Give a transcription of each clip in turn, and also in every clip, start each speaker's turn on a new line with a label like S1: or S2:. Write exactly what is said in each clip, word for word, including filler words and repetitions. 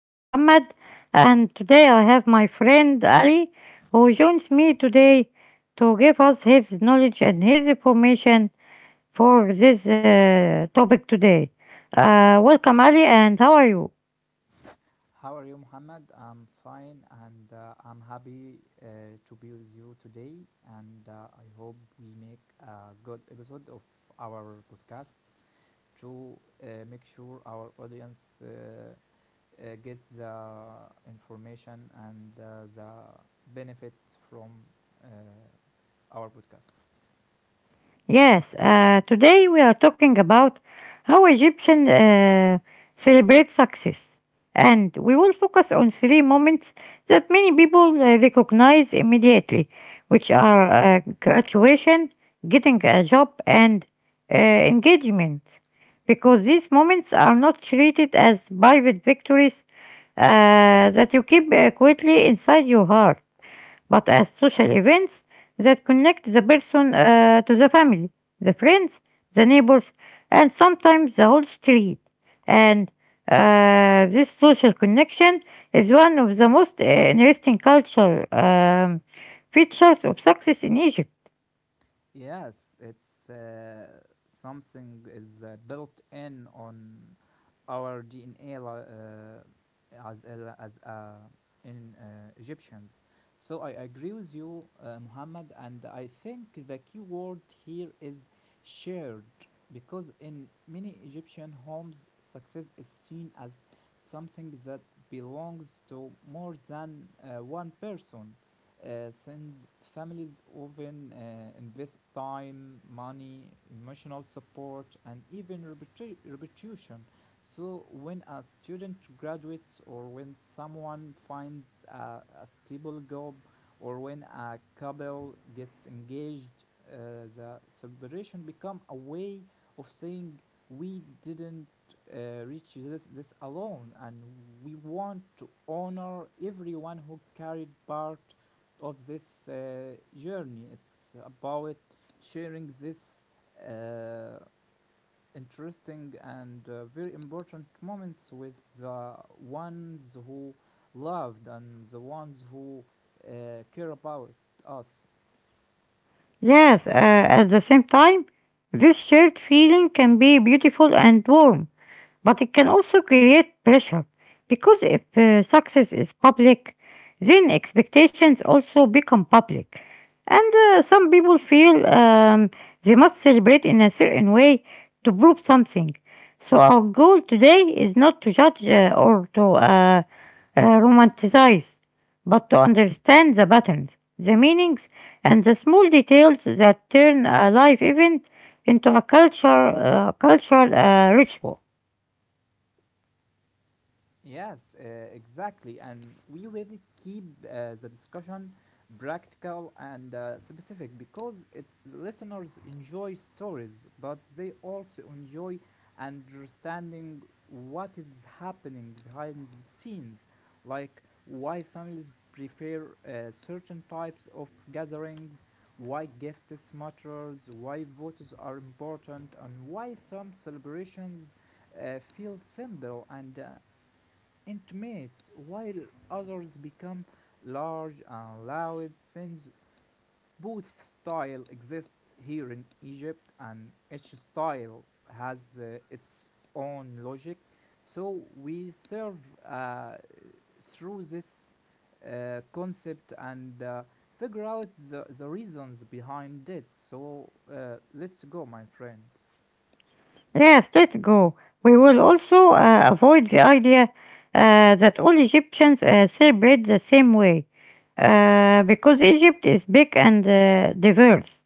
S1: I'm Muhammad, and today I have my friend Ali, who joins me today to give us his knowledge and his information for this uh, topic today. Uh, welcome, Ali, and how are you?
S2: How are you, Muhammad? I'm fine and uh, I'm happy uh, to be with you today. And uh, I hope we make a good episode of our podcast to uh, make sure our audience uh, uh, gets the information and uh, the benefit from uh, our podcast.
S1: Yes, uh, today we are talking about how Egyptian uh, celebrate success, and we will focus on three moments that many people uh, recognize immediately, which are uh, graduation, getting a job, and uh, engagement, because these moments are not treated as private victories uh, that you keep uh, quietly inside your heart but as social events that connect the person uh, to the family, the friends, the neighbors, and sometimes the whole street. And uh, this social connection is one of the most uh, interesting cultural um, features of success in Egypt.
S2: Yes, it's uh, something is uh, built in on our D N A li- uh, as a- as uh, in uh, Egyptians. So I agree with you, uh, Muhammad, and I think the key word here is shared because in many Egyptian homes, success is seen as something that belongs to more than uh, one person uh, since families often uh, invest time, money, emotional support, and even reputa- reputation. So, when a student graduates, or when someone finds a, a stable job, or when a couple gets engaged, uh, the celebration become a way of saying we didn't uh, reach this, this alone, and we want to honor everyone who carried part of this uh, journey. It's about sharing this uh, interesting and uh, very important moments with the ones who loved and the ones who uh, care about us.
S1: Yes, uh, at the same time, this shared feeling can be beautiful and warm, but it can also create pressure because if uh, success is public, then expectations also become public. And uh, some people feel um, they must celebrate in a certain way to prove something. So, our goal today is not to judge uh, or to uh, uh, romanticize, but to understand the patterns, the meanings, and the small details that turn a life event into a culture, uh, cultural uh, ritual.
S2: Yes, uh, exactly. And we will keep uh, the discussion practical and uh, specific because it listeners enjoy stories, but they also enjoy understanding what is happening behind the scenes, like why families prefer uh, certain types of gatherings, why gifts matters, why votes are important, and why some celebrations uh, feel simple and uh, intimate, while others become large and loud since both style exist here in Egypt and each style has uh, its own logic. So we serve uh, through this uh, concept and uh, figure out the, the reasons behind it. So uh, let's go, my friend.
S1: Yes, let's go. We will also uh, avoid the idea uh, that all Egyptians uh, celebrate the same way, uh, because Egypt is big and uh, diverse.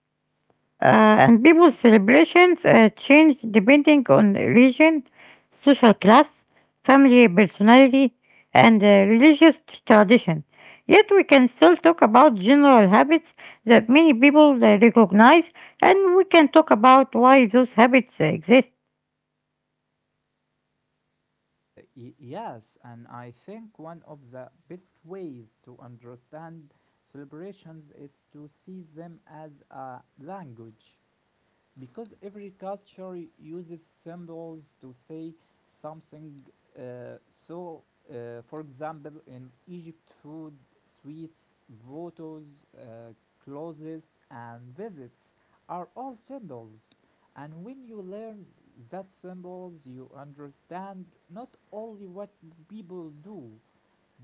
S1: Uh, and people's celebrations uh, change depending on region, social class, family personality, and uh, religious tradition. Yet we can still talk about general habits that many people uh, recognize, and we can talk about why those habits uh, exist.
S2: Uh, yes, and I think one of the best ways to understand celebrations is to see them as a language because every culture uses symbols to say something. Uh, so, uh, for example, in Egypt, food, sweets, votos, uh, clothes, and visits are all symbols. And when you learn that symbols, you understand not only what people do,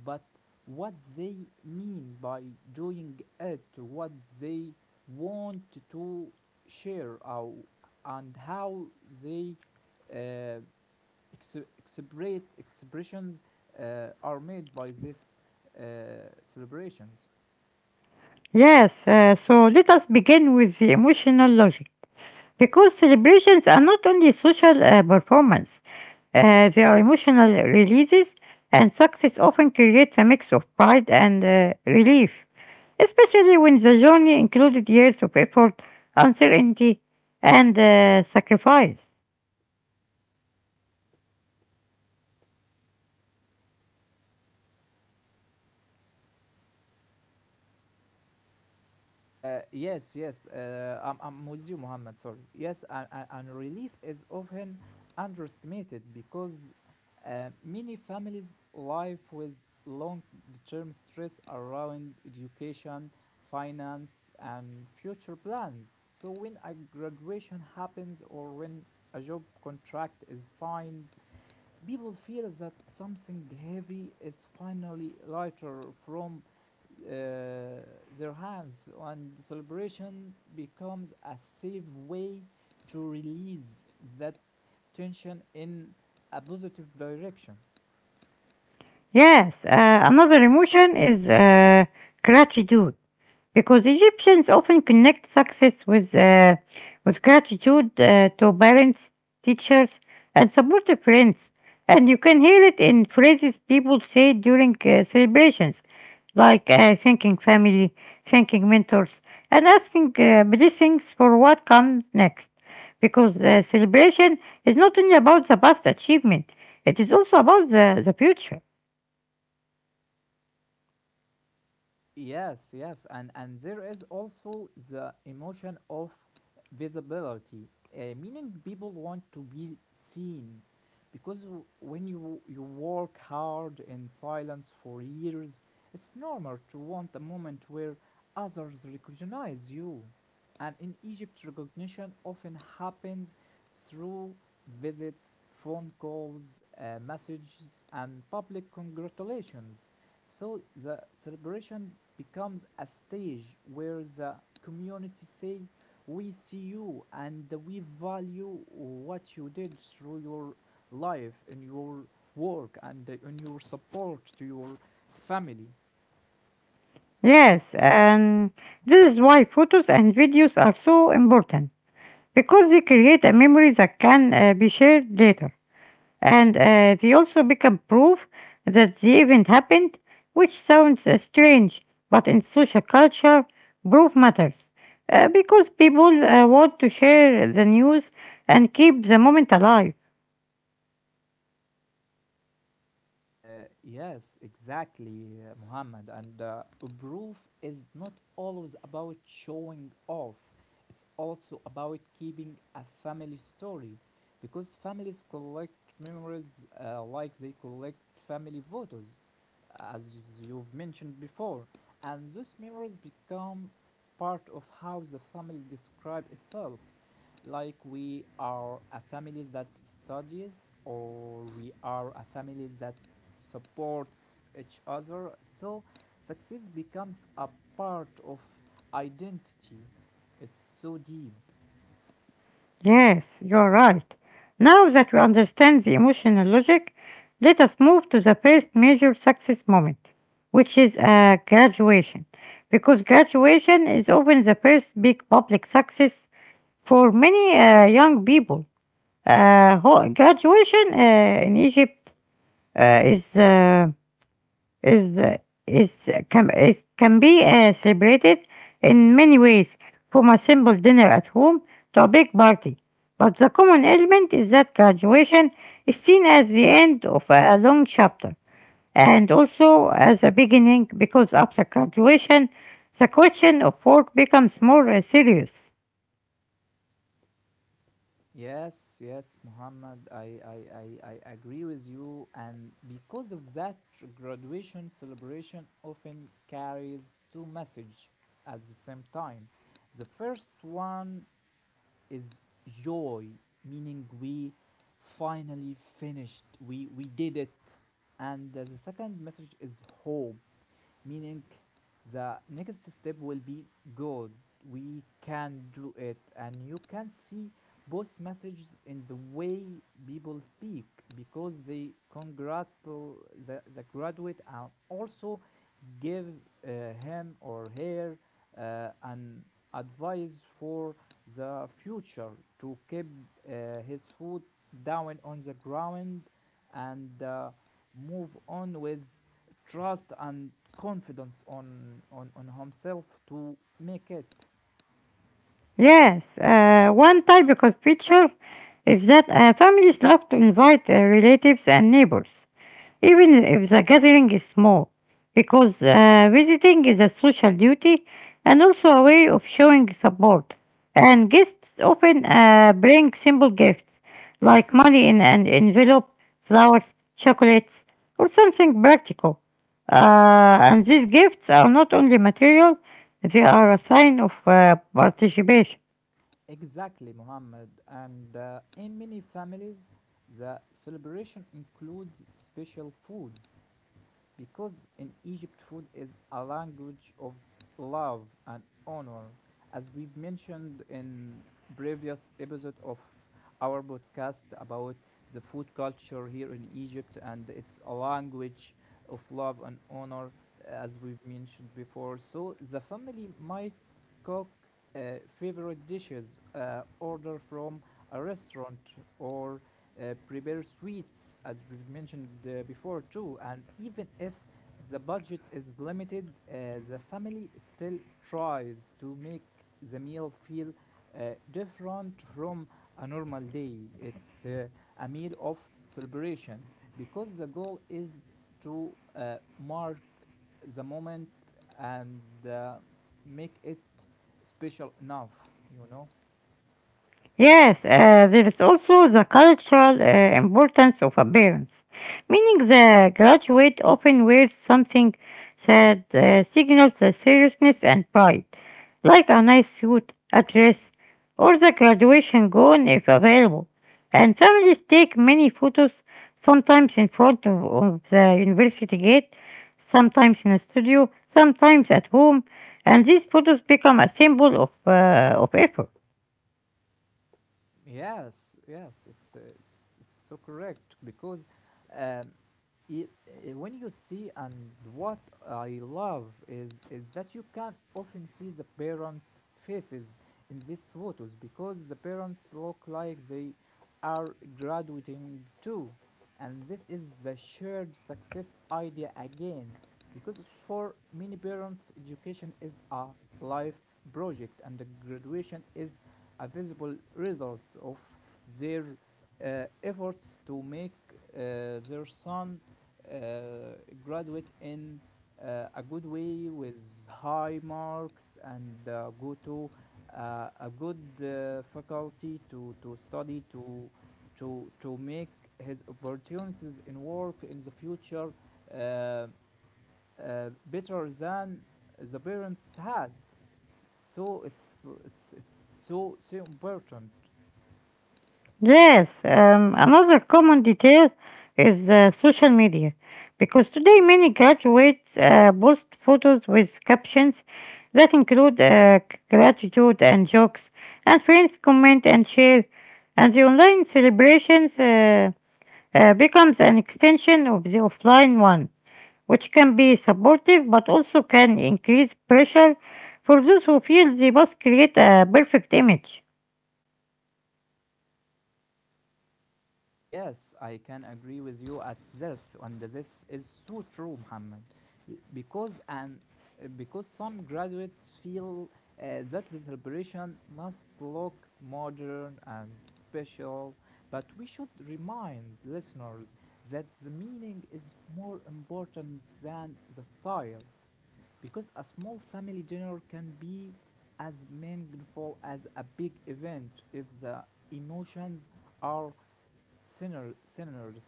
S2: but what they mean by doing it, what they want to share our, and how they uh, ex- express- expressions uh, are made by these uh, celebrations.
S1: Yes, uh, so let us begin with the emotional logic, because celebrations are not only social uh, performance, uh, they are emotional releases, and success often creates a mix of pride and uh, relief, especially when the journey included years of effort, uncertainty, and uh, sacrifice.
S2: Uh, yes, yes, uh, I'm, I'm with you, Muhammad. Sorry. Yes, and, and, and relief is often underestimated because uh, many families live with long term stress around education, finance, and future plans. So, when a graduation happens or when a job contract is signed, people feel that something heavy is finally lighter from uh, their hands, and the celebration becomes a safe way to release that tension in a positive direction.
S1: Yes, uh, another emotion is uh, gratitude, because Egyptians often connect success with, uh, with gratitude uh, to parents, teachers, and supportive friends. And you can hear it in phrases people say during uh, celebrations, like uh, thanking family, thanking mentors, and asking uh, blessings for what comes next. Because uh, celebration is not only about the past achievement, it is also about the, the future.
S2: Yes, yes, and and there is also the emotion of visibility, uh, meaning people want to be seen, because w- when you you work hard in silence for years, it's normal to want a moment where others recognize you. And in Egypt, recognition often happens through visits, phone calls, uh, messages, and public congratulations. So the celebration becomes a stage where the community say, "We see you and we value what you did through your life, in your work, and in your support to your family."
S1: Yes, and this is why photos and videos are so important, because they create a memory that can uh, be shared later. And uh, they also become proof that the event happened, which sounds uh, strange, but in social culture, proof matters. Uh, because people uh, want to share the news and keep the moment alive.
S2: Uh, yes, exactly, uh, Muhammad. And uh, proof is not always about showing off, it's also about keeping a family story. Because families collect memories uh, like they collect family photos, as you've mentioned before. And those memories become part of how the family describe itself, like we are a family that studies or we are a family that supports each other. So success becomes a part of identity. It's so deep.
S1: Yes, you're right. Now that we understand the emotional logic, let us move to the first major success moment, which is uh, graduation, because graduation is often the first big public success for many uh, young people. Uh, ho- graduation uh, in Egypt uh, is uh, is the is can is can be uh, celebrated in many ways, from a simple dinner at home to a big party. But the common element is that graduation is seen as the end of a a long chapter and also as a beginning because after graduation, the question of work becomes more uh, serious.
S2: Yes yes muhammad I I I, I agree with you, and because of that graduation celebration often carries two messages at the same time. The first one is joy, meaning we finally finished, we, we did it. And uh, the second message is hope, meaning the next step will be good. We can do it, and you can see both messages in the way people speak because they congratulate the, the graduate and also give uh, him or her uh, an advice for the future to keep uh, his foot down on the ground and uh, move on with trust and confidence on, on, on himself to make it.
S1: Yes, uh, one typical feature is that uh, families love to invite uh, relatives and neighbors, even if the gathering is small, because uh, visiting is a social duty and also a way of showing support. And guests often uh, bring simple gifts like money in an envelope, flowers, chocolates, or something practical. Uh, and these gifts are not only material, they are a sign of uh, participation.
S2: Exactly, Muhammad. And uh, in many families, the celebration includes special foods, because in Egypt, food is a language of love and honor. As we've mentioned in previous episode of our podcast about the food culture here in Egypt, and it's a language of love and honor, uh, as we've mentioned before. So the family might cook uh, favorite dishes, uh, order from a restaurant, or uh, prepare sweets, as we've mentioned uh, before too. And even if the budget is limited, uh, the family still tries to make the meal feel uh, different from a normal day. It's uh, a meal of celebration because the goal is to uh, mark the moment and uh, make it special enough, you know.
S1: Yes, uh, there is also the cultural uh, importance of appearance, meaning the graduate often wears something that uh, signals the seriousness and pride, like a nice suit, a dress, or the graduation gown if available. And families take many photos, sometimes in front of, of the university gate, sometimes in a studio, sometimes at home, and these photos become a symbol of, uh, of effort.
S2: Yes, yes, it's, uh, it's it's so correct because um, it, uh, when you see, and what I love is is that you can often see the parents' faces in these photos because the parents look like they are graduating too, and this is the shared success idea again, because for many parents education is a life project and the graduation is a visible result of their uh, efforts to make uh, their son uh, graduate in uh, a good way with high marks and uh, go to uh, a good uh, faculty to, to study to to to make his opportunities in work in the future uh, uh, better than the parents had. So it's it's it's so so important.
S1: Yes, um, another common detail is uh, social media, because today many graduates uh, post photos with captions that include uh, c- gratitude and jokes, and friends comment and share, and the online celebrations uh, uh, becomes an extension of the offline one, which can be supportive but also can increase pressure for those who feel they must create a perfect image.
S2: Yes, I can agree with you at this, and this is so true, Muhammad, because and uh, because some graduates feel uh, that the celebration must look modern and special, but we should remind listeners that the meaning is more important than the style, because a small family dinner can be as meaningful as a big event if the emotions are sinners, sinners,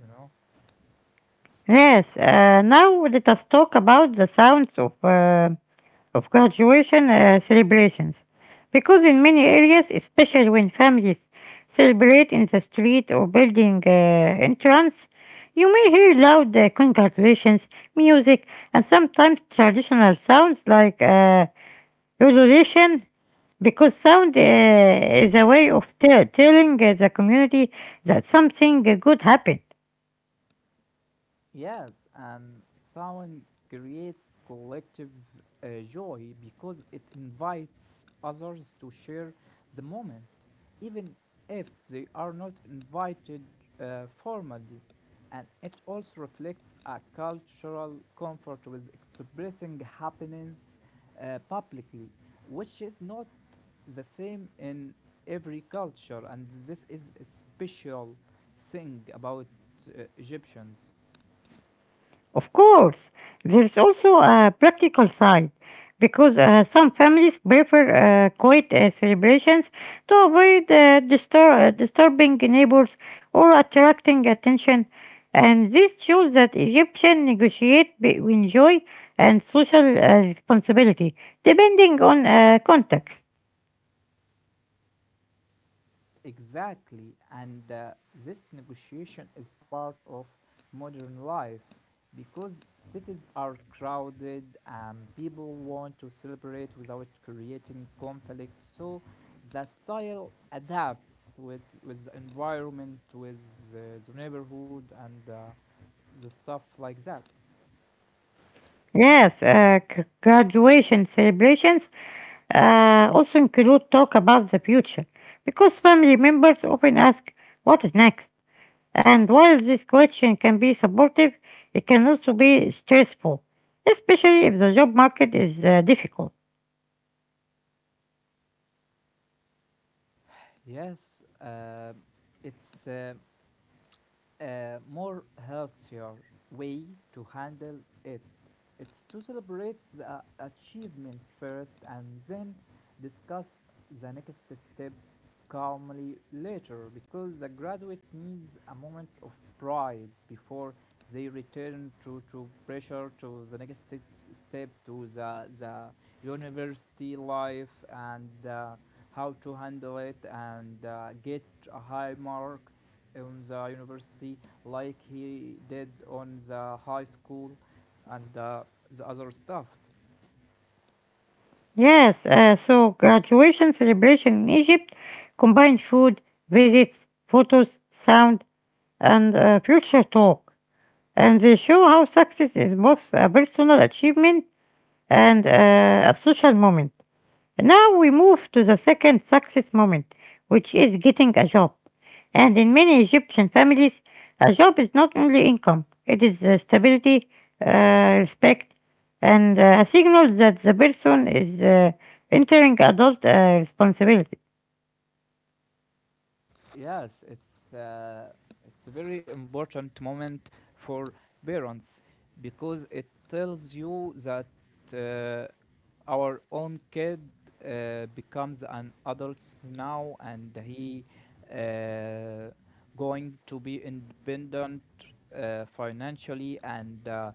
S2: you know.
S1: Yes, uh, now let us talk about the sounds of, uh, of graduation uh, celebrations, because in many areas, especially when families celebrate in the street or building uh, entrance, you may hear loud uh, congratulations, music, and sometimes traditional sounds like uh, ululation, because sound uh, is a way of te- telling uh, the community that something uh, good happened.
S2: Yes, and sound creates collective uh, joy because it invites others to share the moment, even if they are not invited uh, formally. And it also reflects a cultural comfort with expressing happiness uh, publicly, which is not the same in every culture. And this is a special thing about uh, Egyptians.
S1: Of course, there is also a practical side because uh, some families prefer uh, quiet uh, celebrations to avoid uh, distur- uh, disturbing neighbors or attracting attention. And this shows that Egyptians negotiate between joy and social uh, responsibility depending on uh, context.
S2: Exactly, and uh, this negotiation is part of modern life because cities are crowded and people want to celebrate without creating conflict. So the style adapts with, with the environment, with uh, the neighborhood, and uh, the stuff like that.
S1: Yes, uh, g- graduation celebrations uh, also include talk about the future because family members often ask what is next. And while this question can be supportive, it can also be stressful, especially if the job market is uh, difficult.
S2: Yes, um it's uh, a more healthier way to handle it. It's to celebrate the uh, achievement first and then discuss the next step calmly later, because the graduate needs a moment of pride before they return to, to pressure to the next step to the, the university life and uh, how to handle it and uh, get high marks on the university like he did on the high school and uh, the other stuff.
S1: Yes, uh, so graduation celebration in Egypt combine food, visits, photos, sound, and uh, future talk. And they show how success is both a personal achievement and uh, a social moment. Now we move to the second success moment, which is getting a job. And in many Egyptian families, a job is not only income, it is uh, stability, uh, respect, and uh, a signal that the person is uh, entering adult uh, responsibility.
S2: Yes, it's uh, it's a very important moment for parents because it tells you that uh, our own kid uh, becomes an adult now and he uh, going to be independent uh, financially and uh, uh,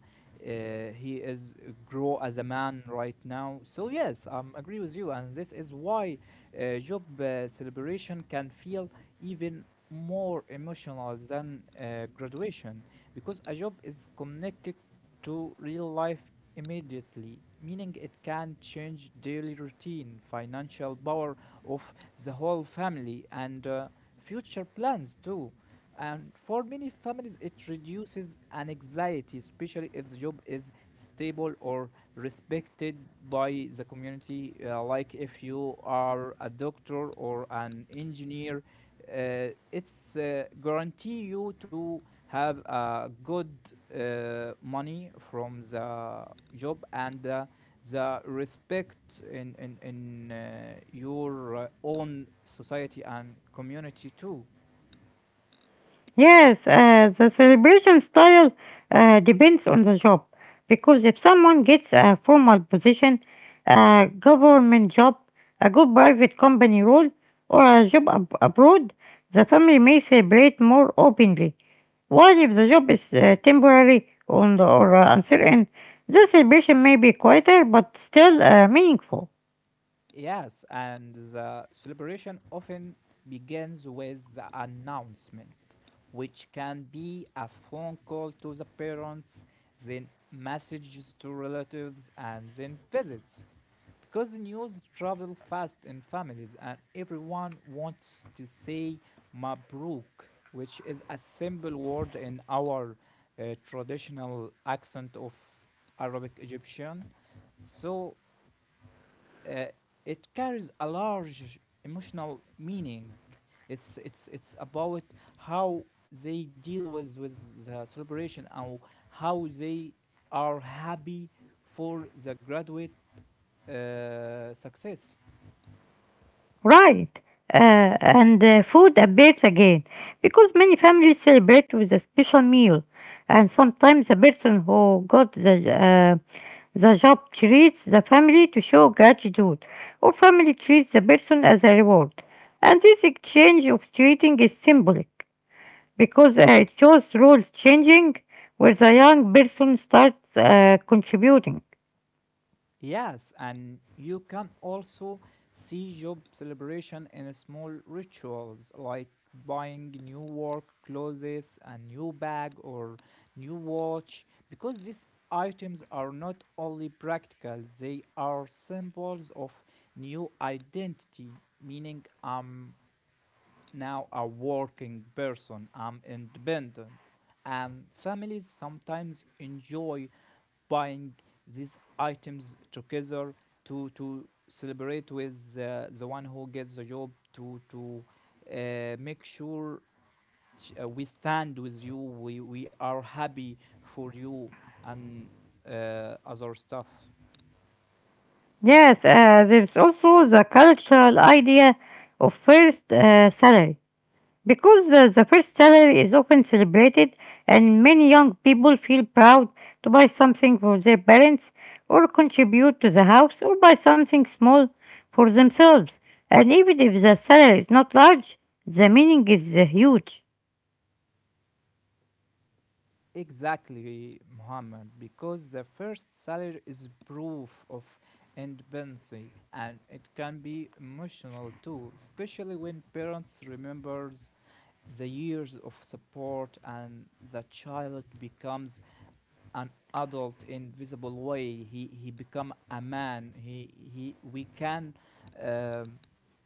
S2: he is grow as a man right now. So yes, I um, agree with you, and this is why uh, job uh, celebration can feel even more emotional than uh, graduation because a job is connected to real life immediately, meaning it can change daily routine, financial power of the whole family, and uh, future plans too. And for many families, it reduces an anxiety, especially if the job is stable or respected by the community. Uh, like if you are a doctor or an engineer, uh, it's uh, guarantee you to have uh, good uh, money from the job and uh, the respect in in in uh, your uh, own society and community too.
S1: Yes, uh, the celebration style uh, depends on the job because if someone gets a formal position, a government job, a good private company role, or a job ab- abroad, the family may celebrate more openly. While if the job is uh, temporary on or uh, uncertain, the celebration may be quieter but still uh, meaningful.
S2: Yes, and the celebration often begins with the announcement, which can be a phone call to the parents, then messages to relatives, and then visits, because the news travel fast in families, and everyone wants to say Mabruk, which is a simple word in our uh, traditional accent of Arabic Egyptian. So uh, it carries a large emotional meaning. It's it's it's about how they deal with with the celebration and how they are happy for the graduate uh, success.
S1: Right. Uh, and uh, food appears again because many families celebrate with a special meal, and sometimes the person who got the uh, the job treats the family to show gratitude, or family treats the person as a reward. And this exchange of treating is symbolic because uh, it shows roles changing where the young person starts uh, contributing.
S2: Yes, and you can also see job celebration in small rituals like buying new work clothes, a new bag, or new watch, because these items are not only practical, they are symbols of new identity, meaning I'm now a working person, I'm independent. And families sometimes enjoy buying these items together to to celebrate with uh, the one who gets the job to to uh, make sure sh- uh, we stand with you we we are happy for you and uh, other stuff
S1: Yes, uh, there's also the cultural idea of first uh, salary. Because uh, the first salary is often celebrated, and many young people feel proud to buy something for their parents, or contribute to the house, or buy something small for themselves. And even if the salary is not large, the meaning is uh, huge.
S2: Exactly, Muhammad, because the first salary is proof of independence, and it can be emotional too, especially when parents remembers the years of support and the child becomes an adult in visible way. He he become a man. He he We can um,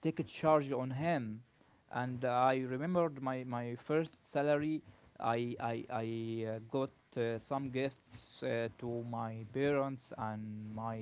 S2: take a charge on him. And I remembered my my first salary. I i i uh, got uh, some gifts uh, to my parents and my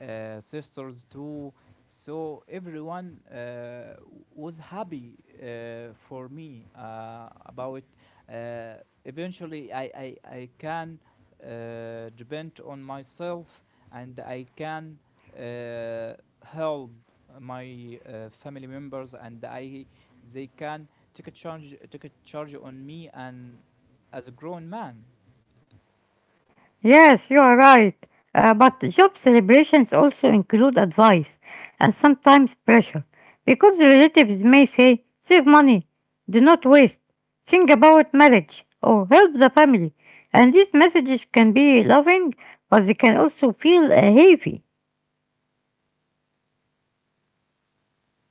S2: uh, sisters too. So everyone uh, was happy uh, for me uh, about. it. Uh, Eventually, I I, I can uh, depend on myself, and I can uh, help my uh, family members, and I they can take a charge take a charge on me and as a grown man
S1: Yes, you are right. Uh, but job celebrations also include advice and sometimes pressure because relatives may say, save money, do not waste, think about marriage, or help the family. And these messages can be loving, but they can also feel uh, heavy.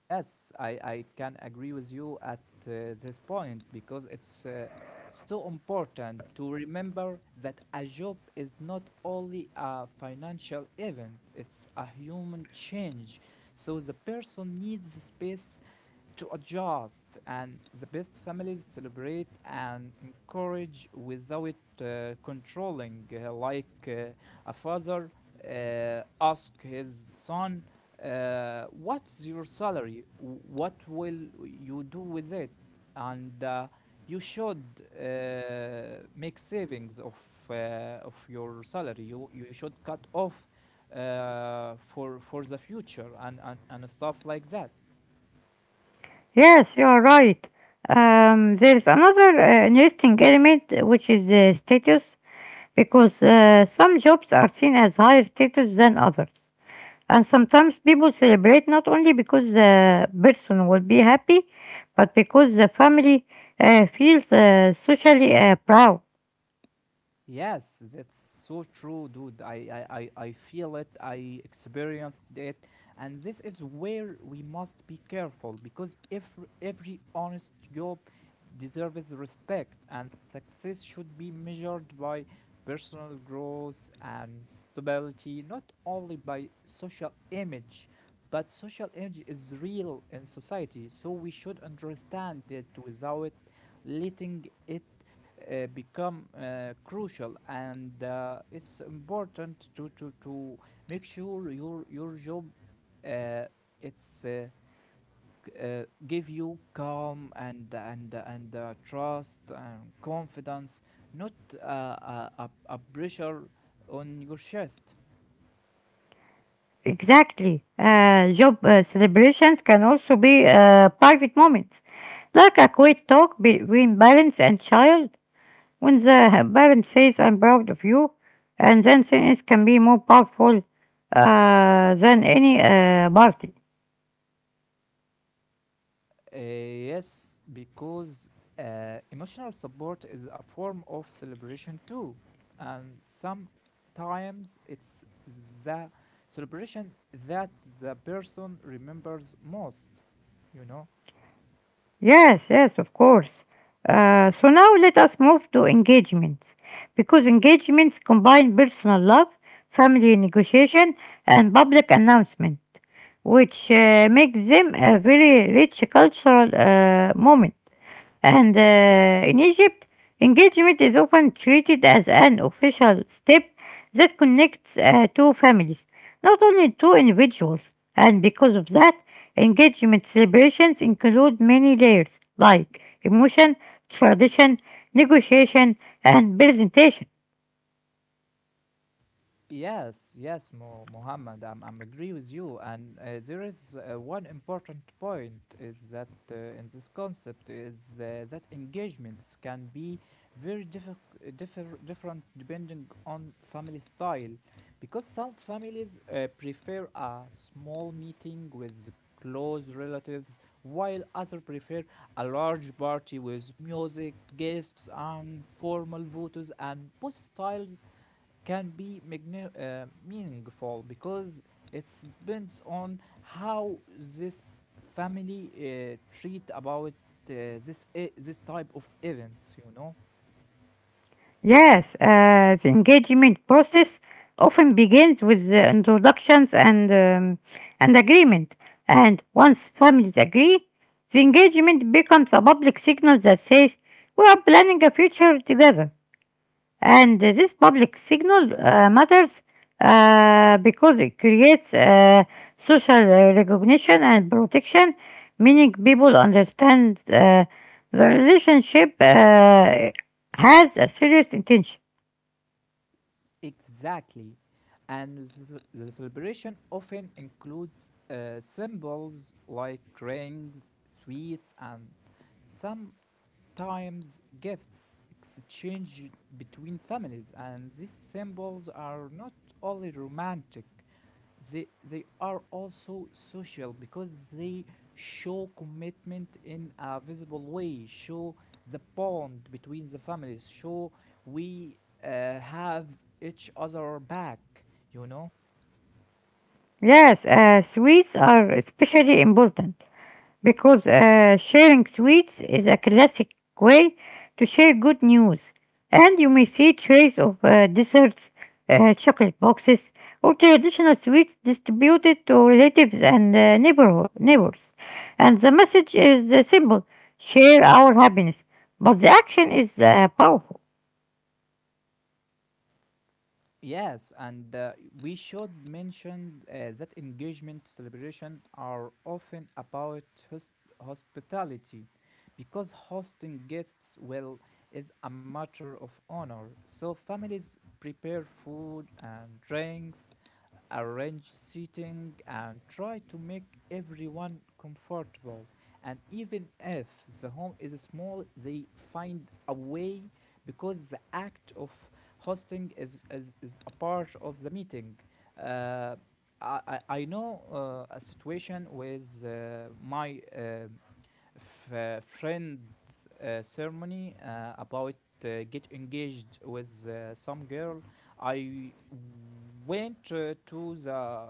S2: Yes, I, I can agree with you at uh, this point, because it's uh, so important to remember that a job is not only a financial event, it's a human change. So the person needs the space to adjust, and the best families celebrate and encourage without uh, controlling, uh, like uh, a father uh, asked his son, uh, "What's your salary? What will you do with it? And uh, you should uh, make savings of, uh, of your salary. You, you should cut off uh, for, for the future, and, and, and stuff like that."
S1: Yes, you are right. Um, there is another uh, interesting element, uh, which is uh, status, because uh, some jobs are seen as higher status than others. And sometimes people celebrate not only because the person will be happy, but because the family uh, feels uh, socially uh, proud.
S2: Yes, that's so true, dude. I, I, I, I feel it, I experienced it. And this is where we must be careful, because if every honest job deserves respect and success should be measured by personal growth and stability, not only by social image, but social image is real in society. So we should understand it without letting it uh, become uh, crucial. And uh, it's important to, to, to make sure your your job uh, it's uh, uh, give you calm and and and uh, trust and confidence, not uh, a, a, a pressure on your chest.
S1: Exactly. Uh, job uh, celebrations can also be uh, private moments, like a quiet talk between parents and child, when the parent says, I'm proud of you, and then sentence can be more powerful uh, than any uh, party.
S2: Uh, yes, because uh, emotional support is a form of celebration too, and sometimes it's the celebration that the person remembers most, you know.
S1: Yes, yes, of course. Uh, so now let us move to engagements, because engagements combine personal love, family negotiation, and public announcement, which uh, makes them a very rich cultural uh, moment. And uh, in Egypt, engagement is often treated as an official step that connects uh, two families, not only two individuals. And because of that, engagement celebrations include many layers like emotion, tradition, negotiation, and presentation.
S2: Yes, yes, Mo Mohammed, I'm, I'm agree with you. And uh, there is uh, one important point is that uh, in this concept is uh, that engagements can be very diffi- uh, differ different depending on family style, because some families uh, prefer a small meeting with close relatives, while others prefer a large party with music, guests, and formal photos. And both styles can be magni- uh, meaningful, because it depends on how this family uh, treat about uh, this e- this type of events, you know
S1: Yes, uh, the engagement process often begins with the introductions and um, and agreement. And once families agree, the engagement becomes a public signal that says we are planning a future together. And uh, this public signal uh, matters uh, because it creates uh, social uh, recognition and protection, meaning people understand uh, the relationship uh, has a serious intention.
S2: Exactly. And the the celebration often includes uh, symbols like rings, sweets, and sometimes gifts exchanged between families. And these symbols are not only romantic, they they are also social, because they show commitment in a visible way, show the bond between the families, show we uh, have each other back, you know
S1: Yes, uh, sweets are especially important because uh, sharing sweets is a classic way to share good news. And you may see trays of uh, desserts, uh, chocolate boxes, or traditional sweets distributed to relatives and uh, neighbor- neighbors. And the message is uh, simple: share our happiness. But the action is uh, powerful.
S2: Yes, and uh, we should mention uh, that engagement celebration are often about hos- hospitality, because hosting guests well is a matter of honor. So families prepare food and drinks, arrange seating, and try to make everyone comfortable. And even if the home is small, they find a way, because the act of hosting is, is, is a part of the meeting. Uh, I, I know uh, a situation with uh, my um friend's uh, ceremony uh, about uh, get engaged with uh, some girl. I went uh, to the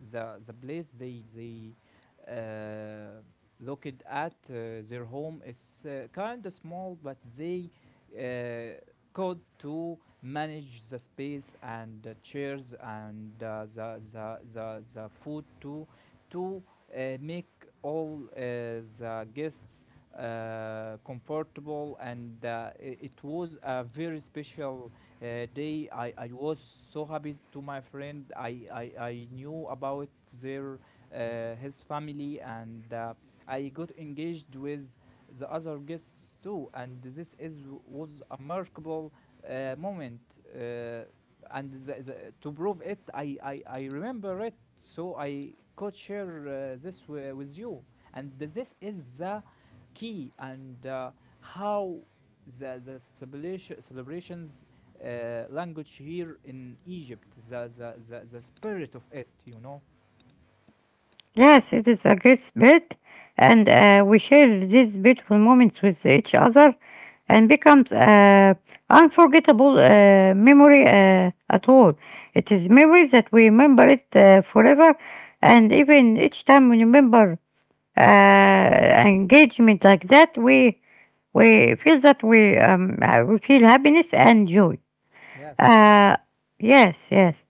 S2: the the place. They they uh, looked at uh, their home is uh, kind of small, but they uh, could to manage the space and the chairs and uh, the, the the the food to to uh, make all uh, the guests uh, comfortable. And uh, i- it was a very special uh, they I, I was so happy to my friend. I I, I knew about their uh, his family, and uh, I got engaged with the other guests too, and this is was a remarkable uh, moment. uh, and the, the, to prove it, I, I I remember it, so I could share uh, this wi- with you. And this is the key. And uh, how the, the celebration, celebrations uh, language here in Egypt, the, the, the, the spirit of it, you know.
S1: Yes, it is a great spirit, and uh, we share these beautiful moments with each other, and becomes uh, unforgettable uh, memory uh, at all. It is memories that we remember it uh, forever, and even each time we remember uh, engagement like that, we we feel that we um, uh, we feel happiness and joy.
S2: Yes.
S1: Uh, yes, yes.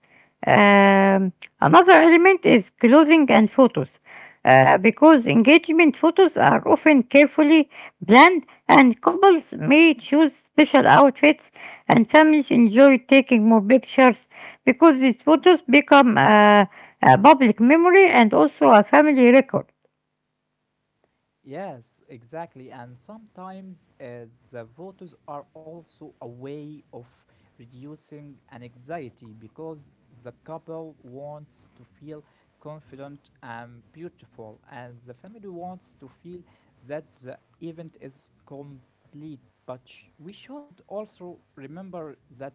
S1: Um, Another element is clothing and photos, uh, because engagement photos are often carefully planned, and couples may choose special outfits, and families enjoy taking more pictures because these photos become uh, a public memory and also a family record.
S2: Yes, exactly. And sometimes uh, the photos are also a way of reducing an anxiety, because the couple wants to feel confident and beautiful, and the family wants to feel that the event is complete. But sh- we should also remember that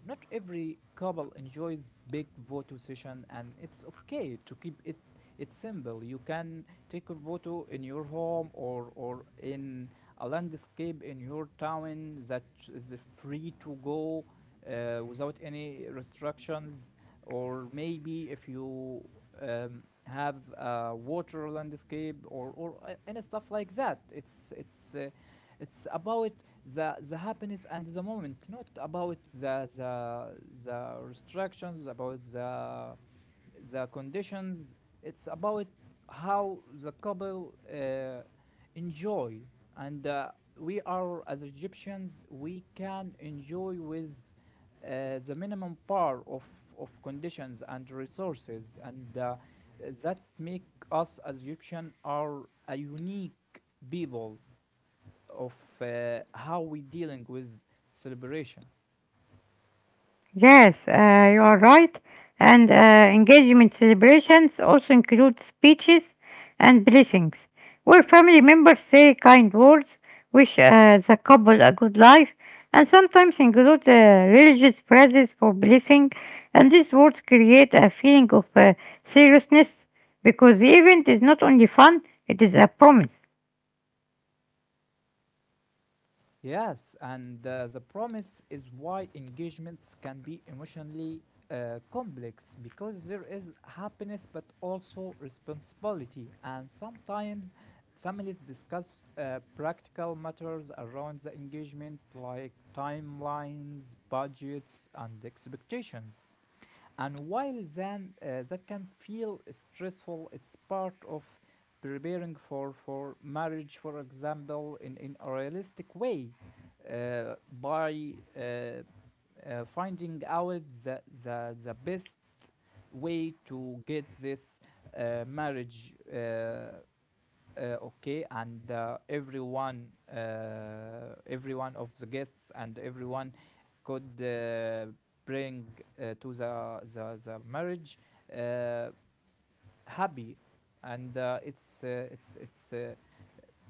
S2: not every couple enjoys big photo session, and it's okay to keep it it's simple. You can take a photo in your home, or or in a landscape in your town that is free to go uh, without any restrictions, or maybe if you um, have a water landscape, or or a- any stuff like that. It's it's uh, it's about the the happiness and the moment, not about the the the restrictions, about the the conditions. It's about how the couple uh, enjoy. And uh, we are as Egyptians, we can enjoy with uh, the minimum par of of conditions and resources, and uh, that make us as Egyptian are a unique people of uh, how we dealing with celebration.
S1: Yes, uh, you are right. And uh, engagement celebrations also include speeches and blessings, where family members say kind words, wish uh, the couple a good life, and sometimes include uh, religious phrases for blessing. And these words create a feeling of uh, seriousness because the event is not only fun, it is a promise.
S2: Yes, and uh, the promise is why engagements can be emotionally uh, complex, because there is happiness but also responsibility, and sometimes families discuss uh, practical matters around the engagement like timelines, budgets, and expectations. And while then uh, that can feel stressful, it's part of preparing for, for marriage, for example, in, in a realistic way uh, by uh, uh, finding out the, the, the best way to get this uh, marriage uh, uh, okay, and uh, everyone uh, everyone of the guests and everyone could uh, bring uh, to the the, the marriage uh, happy. And uh, it's uh, it's it's uh,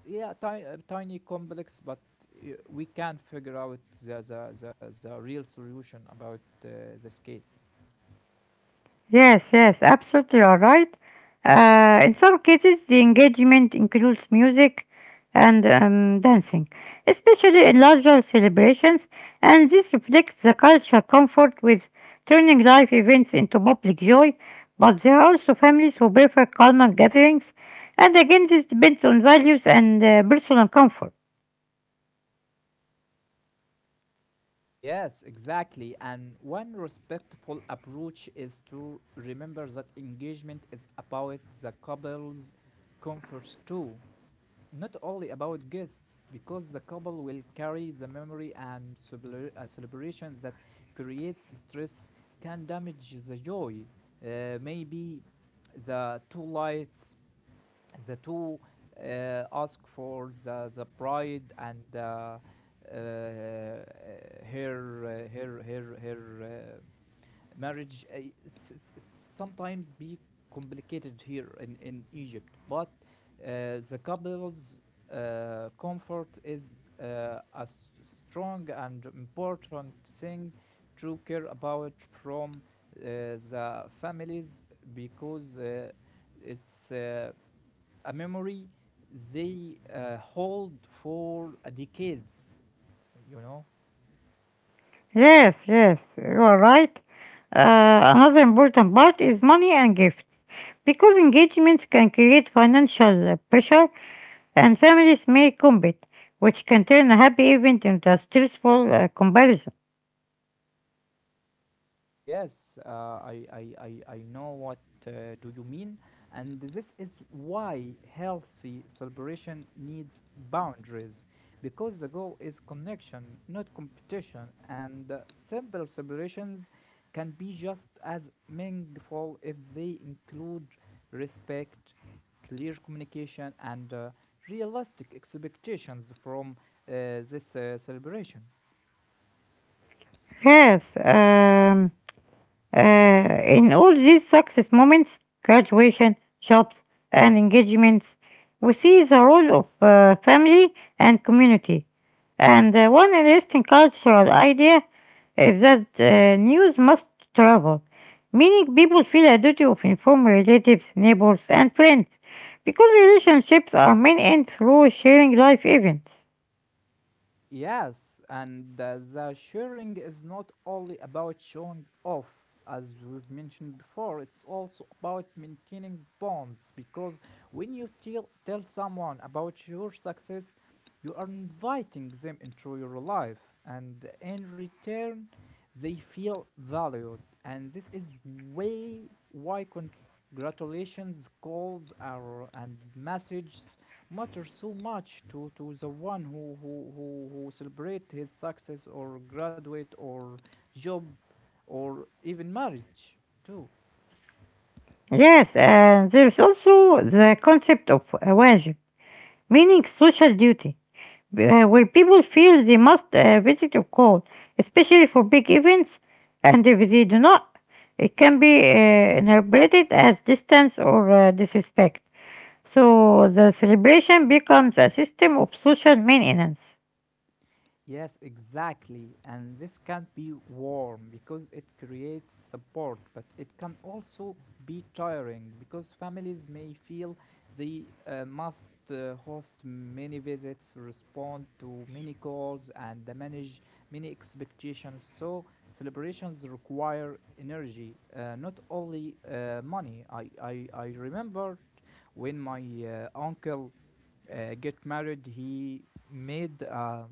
S2: yeah, ti- uh, tiny complex, but uh, we can figure out the the, the, the real solution about uh, this case.
S1: Yes, yes, absolutely, you are right. Uh, in some cases, the engagement includes music and um, dancing, especially in larger celebrations, and this reflects the cultural comfort with turning live events into public joy. But there are also families who prefer calmer gatherings, and again, this depends on values and uh, personal comfort.
S2: Yes, exactly. And one respectful approach is to remember that engagement is about the couple's comfort too, not only about guests, because the couple will carry the memory, and celebra- uh, celebration that creates stress can damage the joy. Uh, maybe the two lights the two uh, ask for the, the bride and uh, uh, her uh, her her her uh, marriage uh, it's, it's, it's sometimes be complicated here in, in Egypt. But uh, the couple's uh, comfort is uh, a s- strong and important thing to care about from uh, the families, because uh, it's uh, a memory they uh, hold for decades, you know
S1: Yes, yes, you are right. Uh, another important part is money and gifts. Because engagements can create financial uh, pressure and families may compete, which can turn a happy event into a stressful uh, comparison.
S2: Yes, uh, I, I, I, I know what uh, do you mean. And this is why healthy celebration needs boundaries, because the goal is connection, not competition. And uh, simple celebrations can be just as meaningful if they include respect, clear communication, and uh, realistic expectations from uh, this uh, celebration.
S1: Yes, um, Uh, in all these success moments, graduation, jobs, and engagements, we see the role of uh, family and community. And uh, one interesting cultural idea is that uh, news must travel, meaning people feel a duty of informing relatives, neighbors, and friends, because relationships are maintained through sharing life events.
S2: Yes, and uh, the sharing is not only about showing off, as we've mentioned before, it's also about maintaining bonds, because when you tell, tell someone about your success, you are inviting them into your life, and in return, they feel valued. And this is way why con- Congratulations calls are, and messages matter so much to, to the one who, who, who, who celebrate his success or graduate or job or even marriage too.
S1: Yes, and there's also the concept of wajib, meaning social duty, uh, where people feel they must uh, visit a call, especially for big events, and if they do not, it can be uh, interpreted as distance or uh, disrespect. So the celebration becomes a system of social maintenance.
S2: Yes, exactly. And this can be warm because it creates support, but it can also be tiring because families may feel they uh, must uh, host many visits, respond to many calls, and manage many expectations. So celebrations require energy, uh, not only uh, money. I, I, I remember when my uh, uncle uh, get married, he made uh,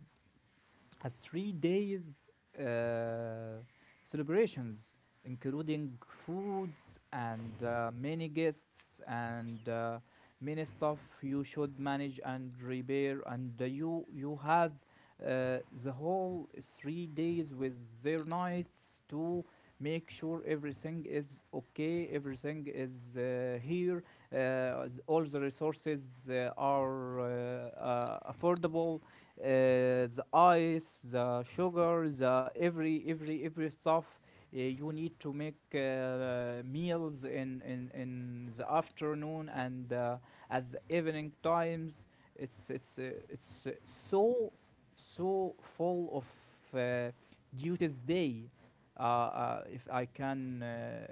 S2: as three days uh, celebrations, including foods and uh, many guests and uh, many stuff you should manage and repair. And uh, you you have uh, the whole three days with their nights to make sure everything is okay, everything is uh, here, uh, all the resources uh, are uh, uh, affordable. Uh, the ice, the sugar, the every every every stuff uh, you need to make uh, meals in, in in the afternoon, and uh, at the evening times. It's it's uh, it's uh, so so full of uh, duties day, uh, uh, if I can uh,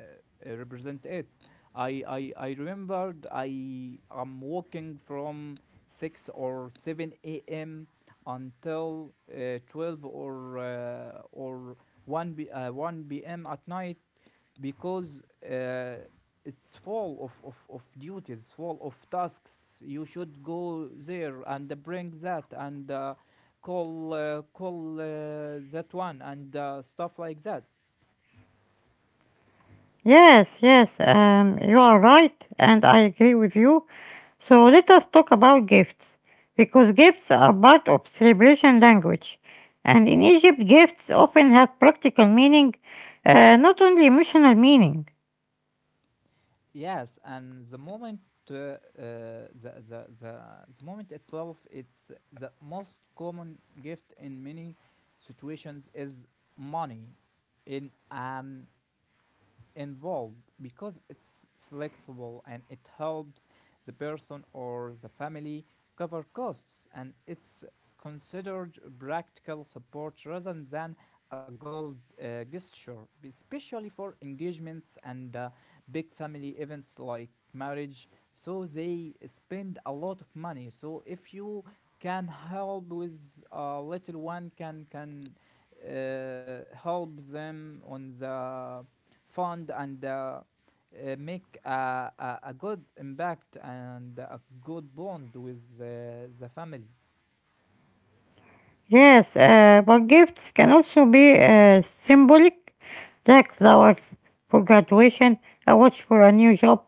S2: uh, represent it. I, I, I remembered I am working from six or seven a m until uh, twelve or uh, or one b, uh, one p m at night, because uh, it's full of, of, of duties, full of tasks. You should go there and uh, bring that and uh, call uh, call uh, that one and uh, stuff like that.
S1: Yes, yes, um, you are right, and I agree with you. So let us talk about gifts, because gifts are part of celebration language. And in Egypt, gifts often have practical meaning, uh, not only emotional meaning.
S2: Yes, and the moment uh, uh, the, the the the moment itself, it's the most common gift in many situations is money in an involved because it's flexible and it helps the person or the family cover costs and it's considered practical support rather than a gold uh, gesture, especially for engagements and uh, big family events like marriage. So they spend a lot of money. So if you can help with a little one, can can uh, help them on the fund and uh, uh, make a, a, a good impact and a good bond with uh, the family.
S1: Yes, uh, but gifts can also be uh, symbolic, like flowers for graduation, a watch for a new job,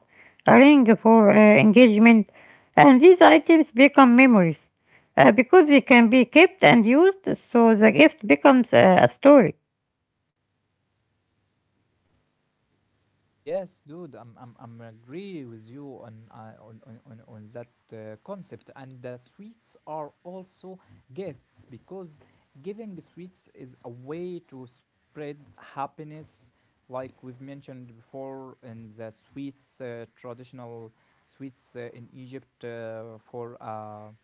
S1: a ring for uh, engagement, and these items become memories uh, because they can be kept and used, so the gift becomes uh, a story.
S2: Yes, dude, I'm I'm I'm agree with you on uh, on, on on on that uh, concept. And the sweets are also gifts because giving sweets is a way to spread happiness, like we've mentioned before in the sweets uh, traditional sweets uh, in Egypt uh, for uh,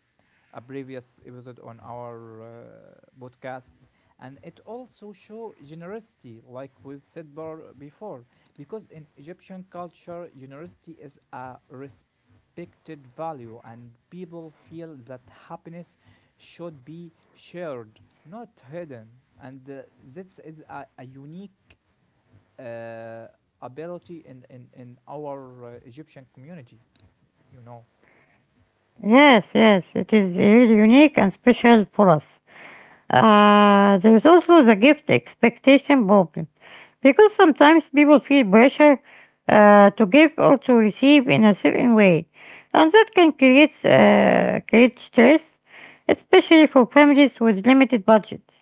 S2: a previous episode on our uh, podcasts, and it also show generosity like we've said bar- before, because in Egyptian culture generosity is a respected value and people feel that happiness should be shared not hidden, and uh, this is a, a unique uh, ability in, in, in our uh, Egyptian community, you know
S1: Yes, yes, it is really unique and special for us. Uh, there is also the gift expectation problem, because sometimes people feel pressure uh, to give or to receive in a certain way, and that can create uh, create stress, especially for families with limited budgets.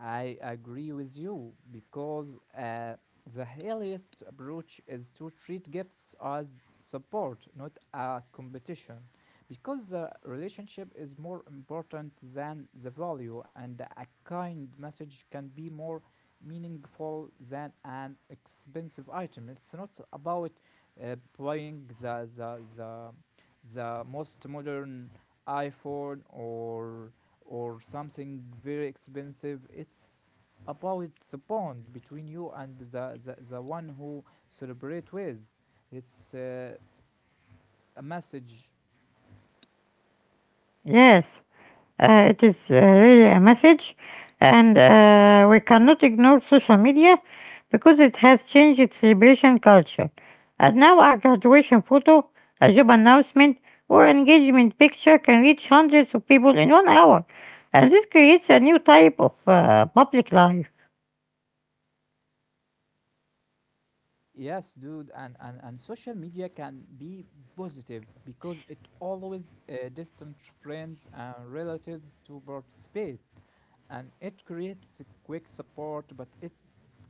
S2: I agree with you because uh, the healthiest approach is to treat gifts as support, not a competition, because the relationship is more important than the value, and a kind message can be more meaningful than an expensive item. It's not about uh, buying the the the the most modern iPhone or or something very expensive. It's about the bond between you and the, the, the one who celebrate with. It's uh, a message.
S1: Yes, uh, it is uh, really a message, and uh, we cannot ignore social media because it has changed its celebration culture. And now, a graduation photo, a job announcement, or engagement picture can reach hundreds of people in one hour, and this creates a new type of uh, public life.
S2: Yes, dude, and, and, and social media can be positive because it always uh, distant friends and relatives to participate and it creates quick support, but it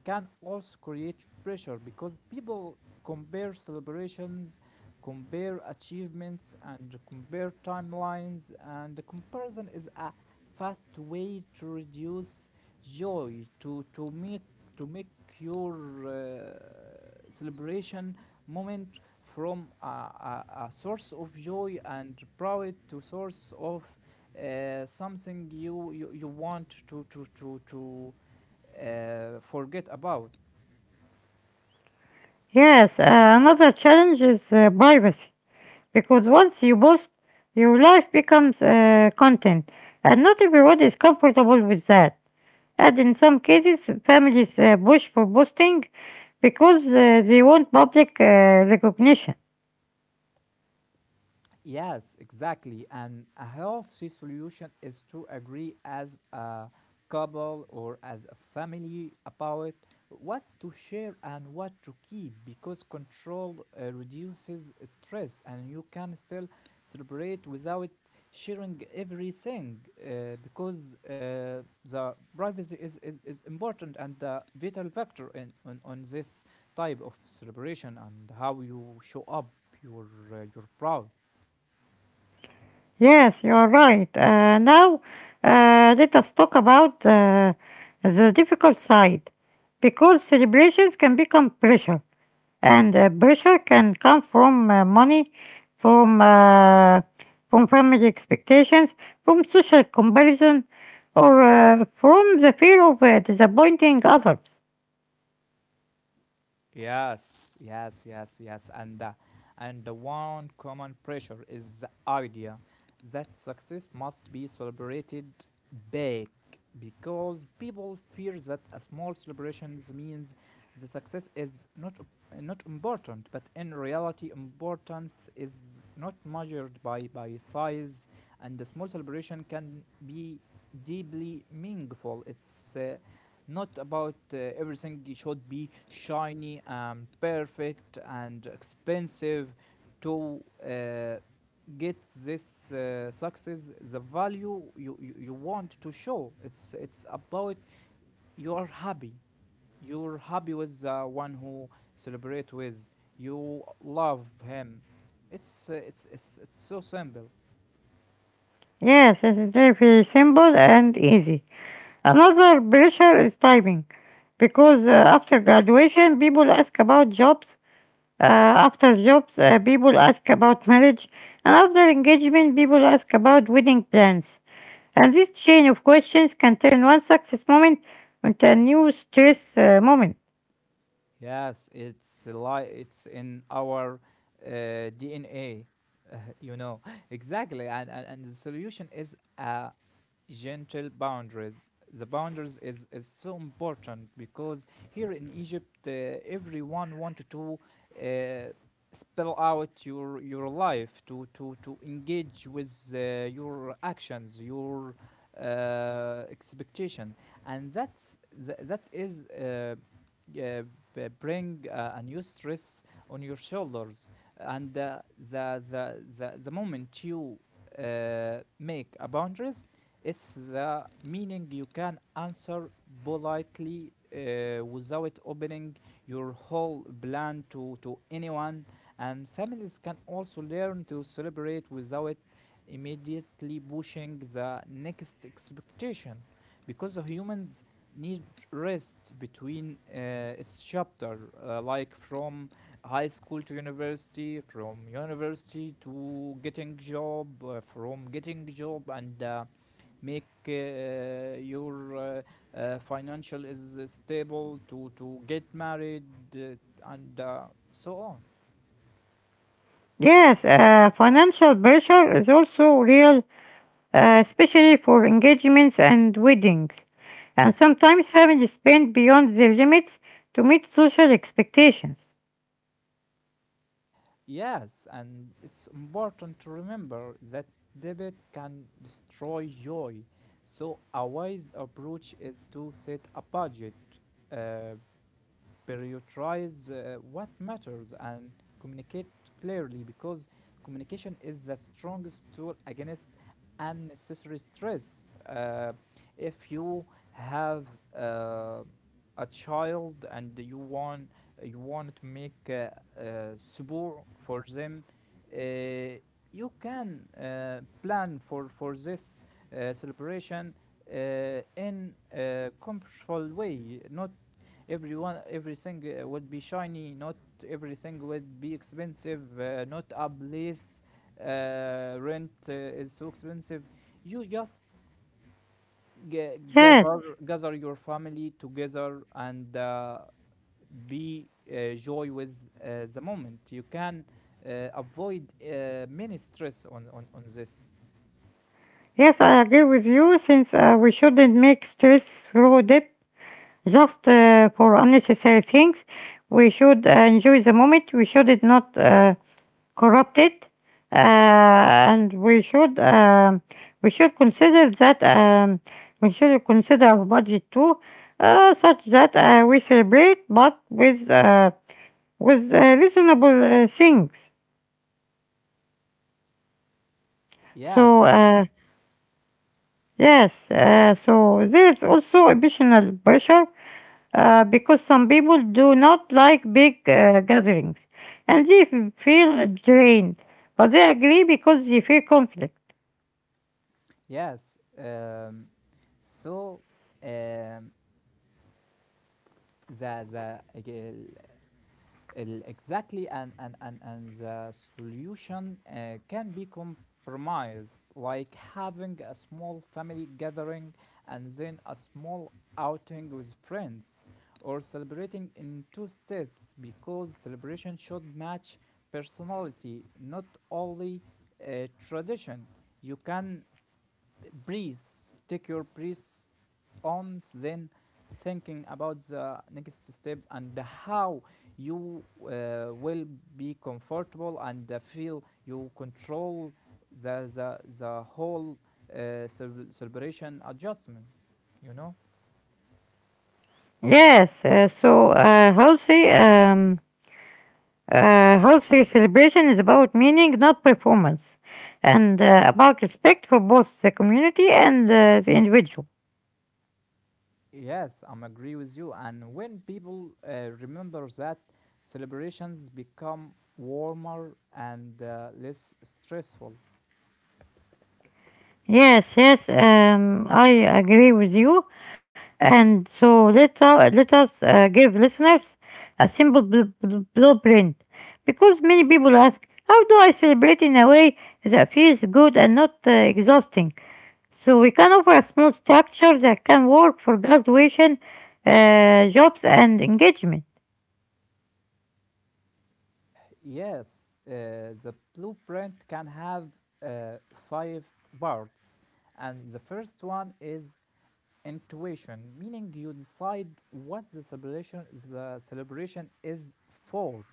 S2: can also create pressure because people compare celebrations, compare achievements, and compare timelines, and the comparison is a fast way to reduce joy, to to make to make your uh, celebration moment from a, a, a source of joy and pride to source of uh, something you, you you want to to to to uh, forget about.
S1: Yes, uh, another challenge is uh, privacy because once you post, your life becomes uh, content, and not everyone is comfortable with that. And in some cases, families uh, push for posting because uh, they want public uh, recognition.
S2: Yes, exactly. And a healthy solution is to agree as a couple or as a family about what to share and what to keep, because control uh, reduces stress and you can still celebrate without sharing everything, uh, because uh, the privacy is, is, is important and the vital factor in, on, on this type of celebration and how you show up your uh, your proud.
S1: Yes, you are right. Uh, now, uh, let us talk about uh, the difficult side because celebrations can become pressure, and uh, pressure can come from uh, money, from uh, from family expectations, from social comparison, or uh, from the fear of uh, disappointing others.
S2: Yes, yes, yes, yes. And uh, and the one common pressure is the idea that success must be celebrated big because people fear that a small celebrations means the success is not op- not important, but in reality, importance is not measured by by size, and the small celebration can be deeply meaningful. It's uh, not about uh, everything should be shiny and perfect and expensive to uh, get this uh, success the value you, you you want to show. it's it's about you are happy, you're happy with the one who celebrate with, you love him. It's uh, it's it's it's so simple.
S1: Yes, it is very simple and easy. Another pressure is timing, because uh, after graduation, people ask about jobs. Uh, After jobs, uh, people ask about marriage, and after engagement, people ask about wedding plans. And this chain of questions can turn one success moment into a new stress uh, moment.
S2: Yes, it's like it's in our uh, DNA, you know. Exactly, and, and and the solution is a gentle boundaries. The boundaries is, is so important because here in Egypt, uh, everyone wanted to uh, spell out your your life, to to to engage with uh, your actions, your uh, expectation, and that's tha- that is. Uh, uh, Bring uh, a new stress on your shoulders, and uh, the, the the the moment you uh, make a boundaries, it's the meaning you can answer politely uh, without opening your whole plan to, to anyone. And families can also learn to celebrate without immediately pushing the next expectation, because humans need rest between uh, its chapter, uh, like from high school to university, from university to getting job, uh, from getting job and uh, make uh, uh, your uh, uh, financial is stable to to get married, uh, and uh, so on.
S1: Yes, uh, financial pressure is also real uh, especially for engagements and weddings. And sometimes families spend beyond their limits to meet social expectations.
S2: Yes, and it's important to remember that debit can destroy joy, so a wise approach is to set a budget, uh, prioritize uh, what matters and communicate clearly, because communication is the strongest tool against unnecessary stress. Uh, if you have uh, a child and you want, you want to make uh, uh, support for them, uh, you can uh, plan for for this uh, celebration uh, in a comfortable way. Not everyone everything uh, would be shiny, not everything would be expensive, uh, not a place uh, rent uh, is so expensive. You just ga-
S1: Yes,
S2: gather gather your family together and uh, be uh, joy with uh, the moment. You can uh, avoid uh, many stress on, on on this.
S1: yes, I agree with you since uh, we shouldn't make stress through debt just uh, for unnecessary things. We should uh, enjoy the moment. We should not uh, corrupted, uh, and we should um, we should consider that um, we should consider our budget too, uh, such that uh, we celebrate, but with uh, with uh, reasonable uh, things.
S2: Yes
S1: So uh, yes, uh, so there is also additional pressure uh, because some people do not like big uh, gatherings, and they f- feel drained, but they agree because they fear conflict.
S2: yes um so um the the Exactly, and and and, and the solution uh, can be compromised, like having a small family gathering and then a small outing with friends, or celebrating in two steps, because celebration should match personality, not only uh, tradition. You can breathe, take your breath on, then thinking about the next step and how you uh, will be comfortable and uh, feel you control the the, the whole uh, celebration adjustment, you know.
S1: Yes, uh, so uh, healthy, um, uh, healthy celebration is about meaning, not performance, and uh, about respect for both the community and uh, the individual.
S2: Yes, I'm agree with you, and when people uh, remember that, celebrations become warmer and uh, less stressful.
S1: Yes, yes, um, I agree with you. And so let us, let us uh, give listeners a simple bl- bl- blueprint because many people ask, how do I celebrate in a way that feels good and not uh, exhausting? So we can offer a small structure that can work for graduation, uh, jobs, and engagement.
S2: Yes, uh, the blueprint can have uh, five parts, and the first one is intuition, meaning you decide what the celebration the celebration is for,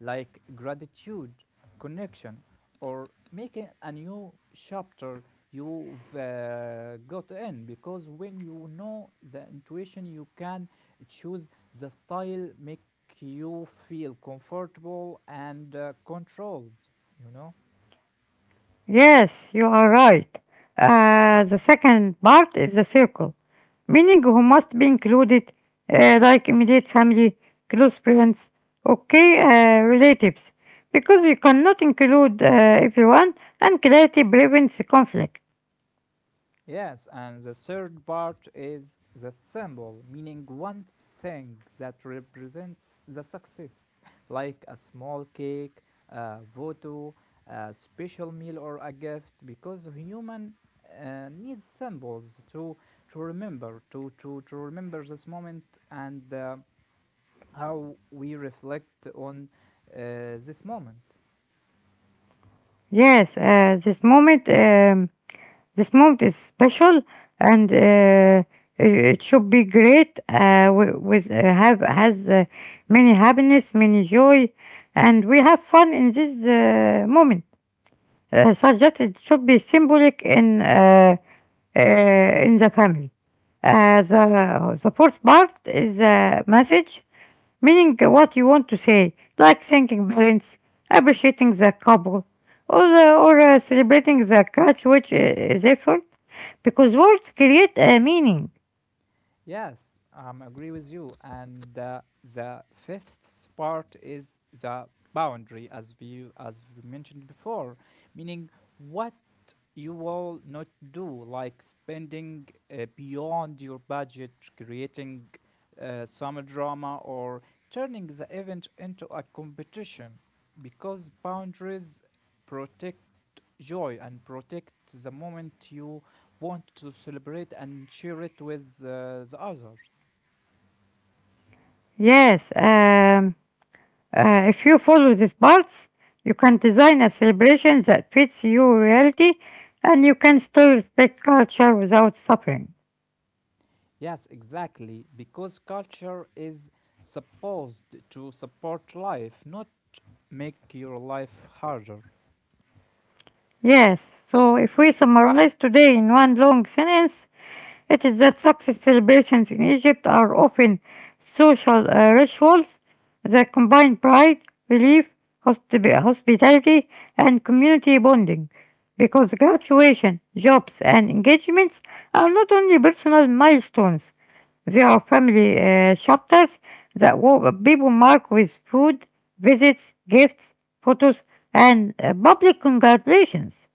S2: like gratitude, connection, or making a new chapter you've uh, got in. Because when you know the intuition, you can choose the style make you feel comfortable and uh, controlled. You know.
S1: Yes, you are right. Uh, the second part is the circle, meaning who must be included, uh, like immediate family, close friends, okay, uh, relatives, because you cannot include uh, everyone, and clarity prevents conflict.
S2: Yes, and the third part is the symbol, meaning one thing that represents the success, like a small cake, a voto, a special meal, or a gift, because human uh, needs symbols to to remember, to to to remember this moment and uh, how we reflect on uh, this moment.
S1: Yes, uh, this moment. Um, This moment is special, and uh, it it should be great. Uh, wi- with uh, have has uh, Many happiness, many joy, and we have fun in this uh, moment. Uh, such that it should be symbolic in uh, uh, in the family. Uh, the the fourth part is a message meaning what you want to say, like thanking parents, appreciating the couple, or, uh, or uh, celebrating the catch which uh, is effort, because words create a meaning.
S2: Yes, I um, agree with you. And uh, the fifth part is the boundary, as we as we mentioned before, meaning what you will not do, like spending uh, beyond your budget, creating uh, some drama, or turning the event into a competition, because boundaries protect joy and protect the moment you want to celebrate and share it with uh, the others.
S1: Yes, um, uh, if you follow these parts, you can design a celebration that fits your reality and you can still respect culture without suffering.
S2: Yes, exactly, because culture is supposed to support life, not make your life harder.
S1: Yes, so if we summarize today in one long sentence, it is that success celebrations in Egypt are often social uh, rituals that combine pride, relief, hospi- hospitality, and community bonding. Because graduation, jobs, and engagements are not only personal milestones, they are family uh, chapters that wo- people mark with food, visits, gifts, photos, and uh, public congratulations.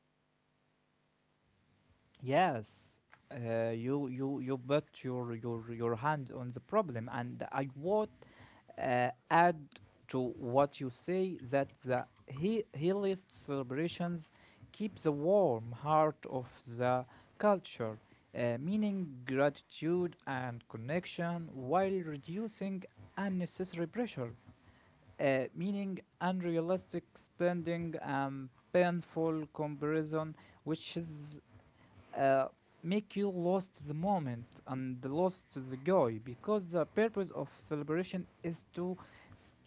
S2: Yes, uh, you you you put your your your hand on the problem, and I would uh, add to what you say, that the he healist celebrations keep the warm heart of the culture, uh, meaning gratitude and connection, while reducing unnecessary pressure, uh, meaning unrealistic spending and painful comparison, which is uh, make you lost the moment and lost the joy, because the purpose of celebration is to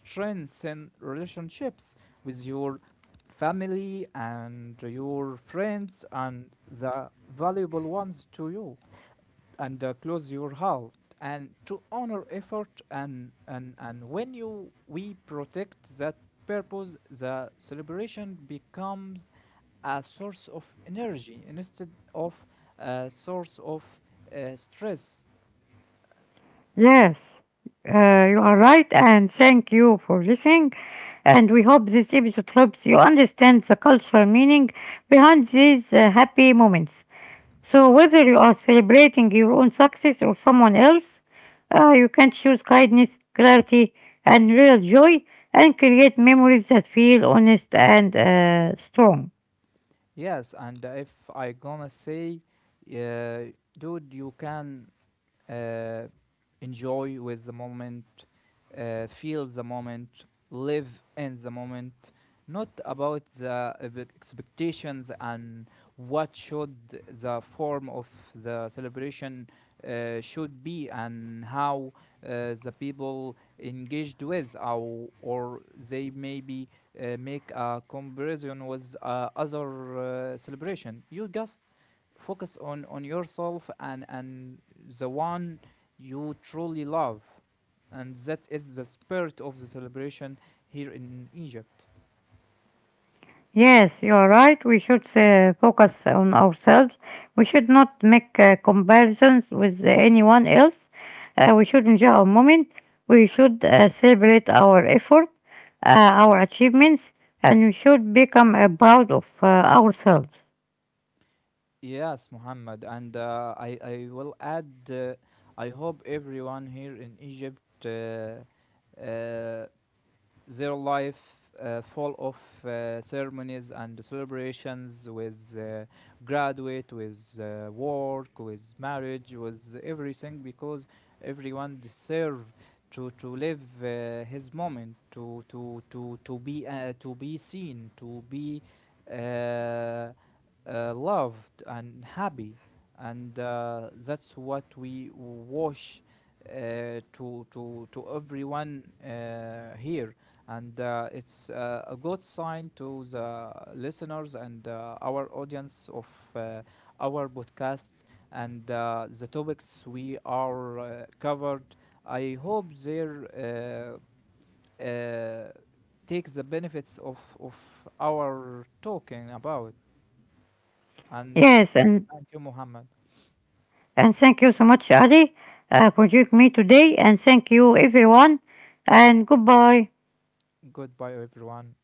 S2: strengthen relationships with your family and your friends and the valuable ones to you, and uh, close your heart, and to honor effort. And and and when you we protect that purpose, the celebration becomes a source of energy instead of a source of uh, stress.
S1: Yes, uh, you are right, and thank you for listening. And we hope this episode helps you understand the cultural meaning behind these uh, happy moments. So, whether you are celebrating your own success or someone else, uh, you can choose kindness, clarity, and real joy and create memories that feel honest and uh, strong.
S2: Yes, and if I gonna say, uh, dude, you can uh, enjoy with the moment, uh, feel the moment, live in the moment, not about the ev- expectations and what should the form of the celebration uh, should be, and how uh, the people engaged with, or, or they maybe uh, make a comparison with uh, other uh, celebration. You just focus on on yourself and and the one you truly love, and that is the spirit of the celebration here in Egypt.
S1: Yes, you are right. We should uh, focus on ourselves. We should not make uh, comparisons with anyone else. Uh, we should enjoy our moment. We should uh, celebrate our effort, uh, our achievements, and we should become uh, proud of uh, ourselves.
S2: Yes, Muhammad, and uh, i i will add, uh, I hope everyone here in Egypt, uh, uh, their life uh, full of uh, ceremonies and celebrations, with uh, graduate, with uh, work, with marriage, with everything, because everyone deserve to to live uh, his moment, to to to to be uh, to be seen, to be uh, uh, loved and happy, and uh, that's what we wish uh, to to to everyone uh, here, and uh, it's uh, a good sign to the listeners and uh, our audience of uh, our podcast and uh, the topics we are uh, covered. I hope they uh, uh, take the benefits of of our talking about. And
S1: Yes, and,
S2: thank you, Muhammad.
S1: and thank you so much, Ali, uh, for joining me today, and thank you, everyone, and goodbye.
S2: Goodbye, everyone.